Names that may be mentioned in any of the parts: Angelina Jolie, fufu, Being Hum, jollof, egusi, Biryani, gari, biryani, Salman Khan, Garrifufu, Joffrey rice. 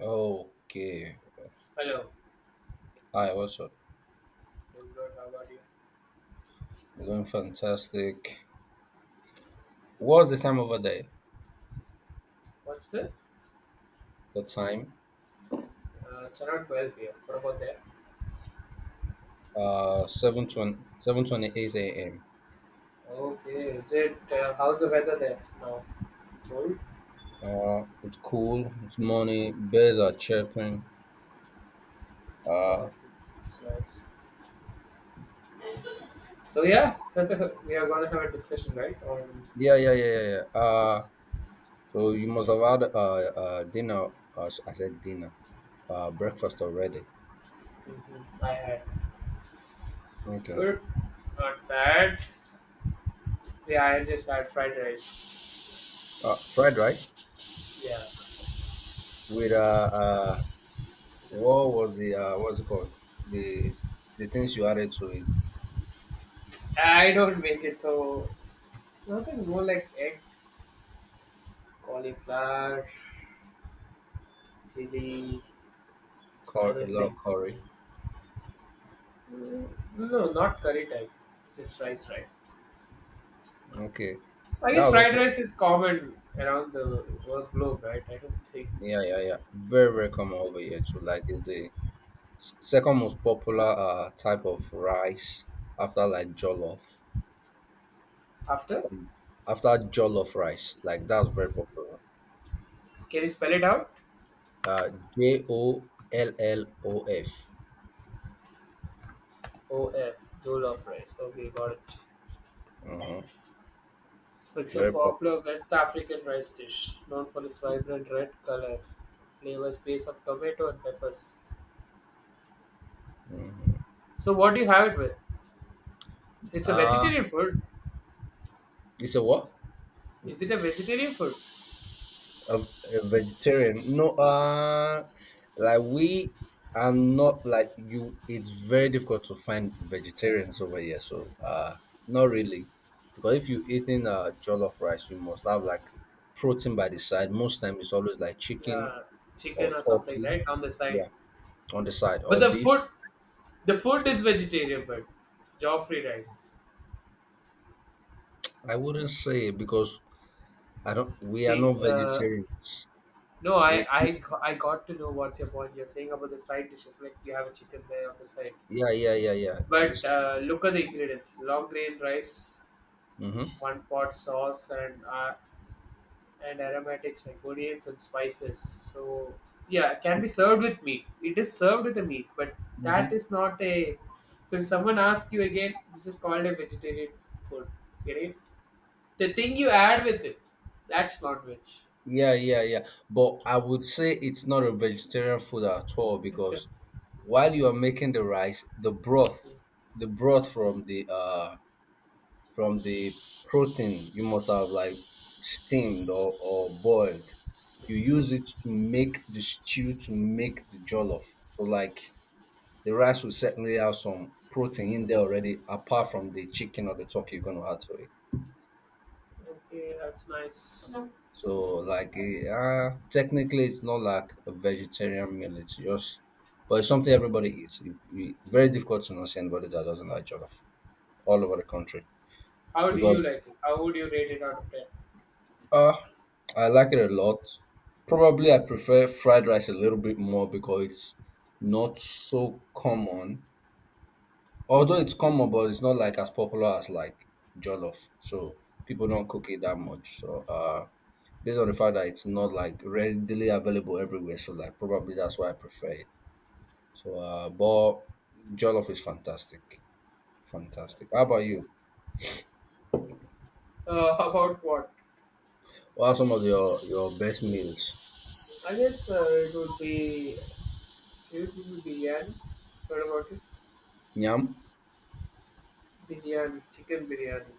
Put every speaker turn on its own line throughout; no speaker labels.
Okay.
Hello,
Hi, what's up?
I good. How about you?
You're doing fantastic. What's the time over there?
What's the?
The time?
It's around 12 here. What about there?
7:20, 7:28 a.m.
Okay, is it? How's the weather there? No, cold.
It's cool. It's morning. Bears are chirping. Uh,
No, it's nice. So yeah, we are gonna have a discussion, right? On
yeah, yeah, yeah, yeah. yeah. Uh, so you must have had dinner. I said dinner. Breakfast already.
hmm I had. It's
Okay.
good, not bad. Yeah, I just had fried rice.
Fried rice
Yeah,
with uh what was the what's it called? The the things you added to it.
I don't make it so. Nothing more like egg, cauliflower, chili,
A
other
lot of
things.
curry.
Mm, No, not curry type. Just rice, right?
Okay.
I
That
guess
was
fried
also
rice is common around the world globe, right? I don't think.
yeah, yeah, yeah. Very, very common over here too. Like it's the second most popular type of rice after like jollof.
After,
After after jollof rice. Like that's very popular.
can you spell it out?
Uh J O huh
O F dole of rice. Okay, got it. It's a
Very popular.
popular West African rice dish known for its vibrant red color, flavors based on tomato and peppers.
Mm-hmm.
So, what do you have it with? It's a
Uh
vegetarian food.
it's a what?
Is it a vegetarian food?
A vegetarian. No. Like we are not like you. It's very difficult to find vegetarians over here. So not really, because if you're eating jollof rice, you must have like protein by the side. Most time, it's always like chicken
Yeah, chicken
or
or something,
turkey.
right? On the side.
Yeah, on the side
But
or
the
beef.
food, the food is vegetarian, but Joffrey rice.
I wouldn't say because I don't. We are
See,
not vegetarian.
No,
We
I got to know what's your point. You're saying about the side dishes, like you have a chicken there on the side.
yeah yeah yeah yeah on this.
But look at the ingredients: long grain rice,
Mm-hmm.
one pot sauce, and and aromatics like onions and spices. So yeah, it can
So,
be served with meat. It is served with the meat, but that
mm-hmm.
is not a. So if someone asks you again, this is called a vegetarian food. Get it? The thing you add with it, that's not veg.
Yeah, yeah, yeah. But I would say it's not a vegetarian food at all because while you are making the rice, the broth from the from the protein you must have like steamed or boiled. You use it to make the stew to make the jollof. So like the rice will certainly have some protein in there already apart from the chicken or the turkey you're gonna add to it.
Okay, that's nice.
So like
That's
technically it's not like a vegetarian meal. It's just, but it's something everybody eats. Very difficult to not see anybody that doesn't like jollof all over the country
how do you
because
like it? How would you rate it out of 10?
uh, I like it a lot. Probably I prefer fried rice a little bit more because it's not so common. Although it's common, but it's not like as popular as like jollof. So people don't cook it that much. So based on the fact that it's not like readily available everywhere. So like probably that's why I prefer it. So but jollof is fantastic, fantastic.
That's
How about you?
nice. About what?
What are some of your best meals?
I guess it would be biryani. What about it?
Yam,
Biryani, chicken biryani,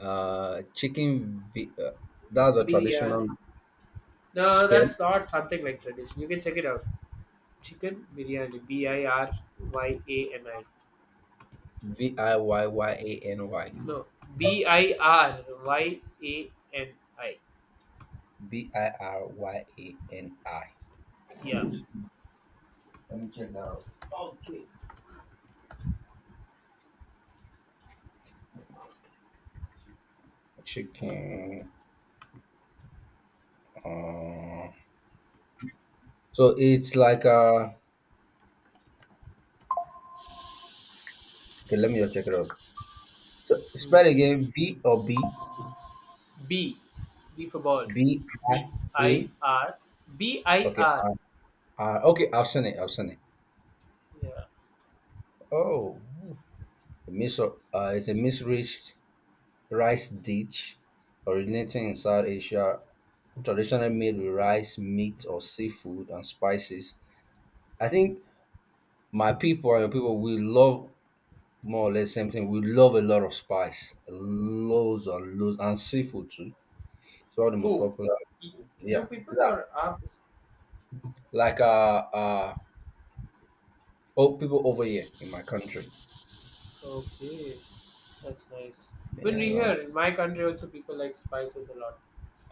chicken. That's a traditional
biryani. No,
spell.
that's not something like tradition. You can check it out. Chicken biryani, B I R Y A N I.
V I y y a n y.
No, Biryani.
B I r y a n I.
Yeah.
Let me check that out. Okay. Chicken. Uh, so it's like a. Okay, let me just check it out. So spell
Mm.
again V or B
B, B for ball.
B I
B
A.
I R B I
Okay,
R.
R, R. Okay, option A, option A.
Yeah.
Oh, a mis- uh, it's a misreached rice dish originating in South Asia, traditionally made with rice, meat, or seafood and spices. I think my people and your people we love more or less same thing. We love a lot of spice, loads and loads, and seafood too. It's one of the most
Who?
popular
Y- You
yeah,
people
yeah.
or ours?
Like oh, people over here in my country.
Okay, that's nice. When
Yeah, you
we here
know.
in my country, also people like spices a lot.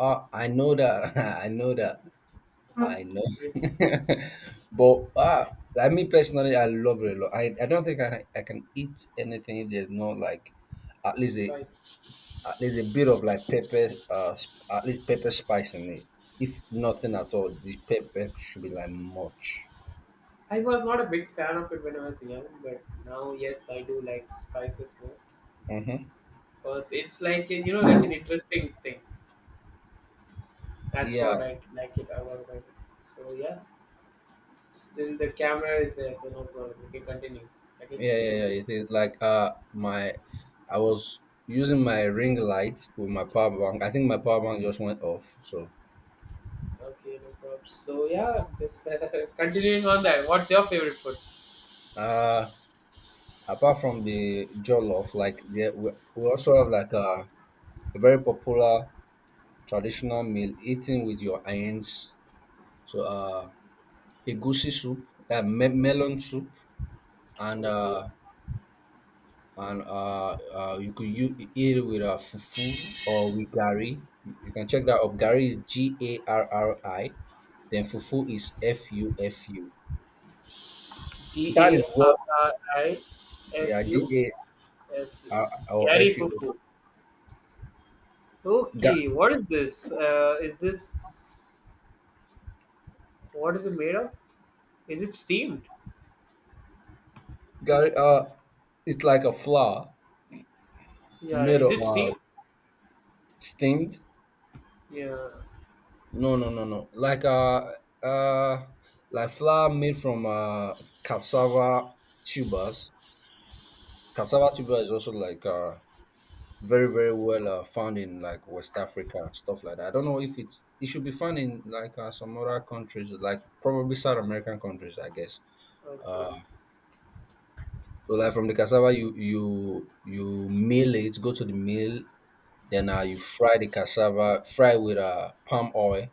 Oh, I know that. I know that. I know.
Yes,
But ah, like me personally, I love it a lot. I don't think I can eat anything if there's no like at least a
spice.
at least a bit of like pepper at least pepper spice in it. If nothing at all, the pepper should be like much.
I was not a big fan of it when I was young, but now yes, I do like spices more
Mm-hmm.
because it's like a- you know, like an interesting thing. That's
Yeah,
what I like it about it. So yeah, still the camera is there, so no problem. We can continue. I can
yeah,
still
yeah,
see
yeah.
you.
It is like my I was using my ring light with my power bank. I think my power bank just went off. So
Okay, no problem. So yeah, just continuing on that. What's your favorite food?
uh apart from the jollof, like yeah, we also have like a very popular traditional meal eating with your hands. So egusi soup, melon soup and
Okay.
uh and you could you eat it with a fufu or with gari. You can check that up. Gari is Garri, then fufu is Fufu. That is what yeah G
G-A-R-R-I-F-U-F-U.
A R or
Gary
F U.
Fuku.
Ga-
Okay, what is this? Is this what is it made of? Is it steamed?
Gari it's like a flour
Yeah,
made
is
of
it steamed?
steamed.
Yeah.
No uh like flour made from cassava tubers. Cassava tuber is also like very very well found in like West Africa and stuff like that. I don't know if it's it should be found in like some other countries, like probably South American countries, I guess.
Okay,
Uh, so like from the cassava, you mill it, go to the mill, then you fry the cassava, fry with palm oil,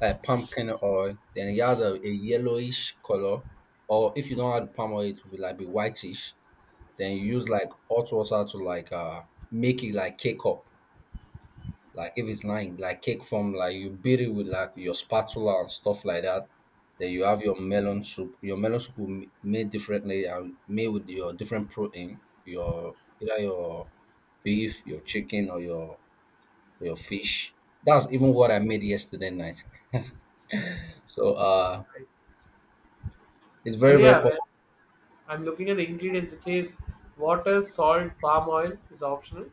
like pumpkin oil. Then it has a yellowish color, or if you don't add palm oil, it will like be whitish. Then you use like hot water to like make it like cake up. Like if it's like cake form, like you beat it with like your spatula and stuff like that. Then you have your melon soup. Your melon soup will made differently and made with your different protein, your either your beef, your chicken, or your fish. That's even what I made yesterday night. So uh,
that's nice.
it's
So
very very
yeah, well,
popular.
I'm looking at the ingredients. It says water, salt, palm oil is optional,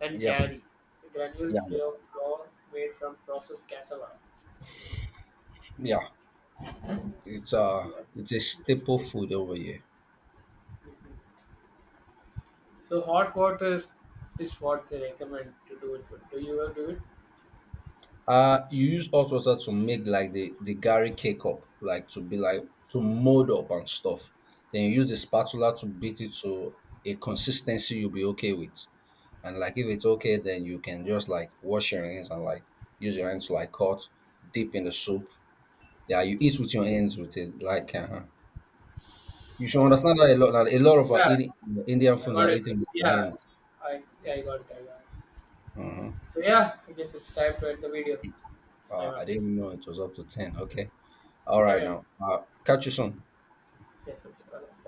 and
Yeah,
gari, a granule
yeah, yeah,
flavored flour made from processed cassava.
yeah. It's uh, it's
That's
a
just
staple
good.
food over here.
Mhm. So hot water is what they recommend to do it with. Do you ever do it?
You use hot water to make like the gari cake up, like to be like to mold up and stuff. Then you use the spatula to beat it to a consistency you'll be okay with. And like if it's okay, then you can just like wash your hands and like use your hands to like cut, dip in the soup. Yeah, you eat with your hands with it. Like you should
Got it, got it.
understand that a lot. That a lot of our
Yeah,
Indian
I
foods
got
are
it.
eaten with your
Yeah,
hands.
yeah, I got it. I got it.
Hmm.
So yeah, I guess it's time to end the video. It's time
I
up.
didn't know it was up to 10. Okay, all right
Carry on.
now. Catch you soon.
Yes, it's got it.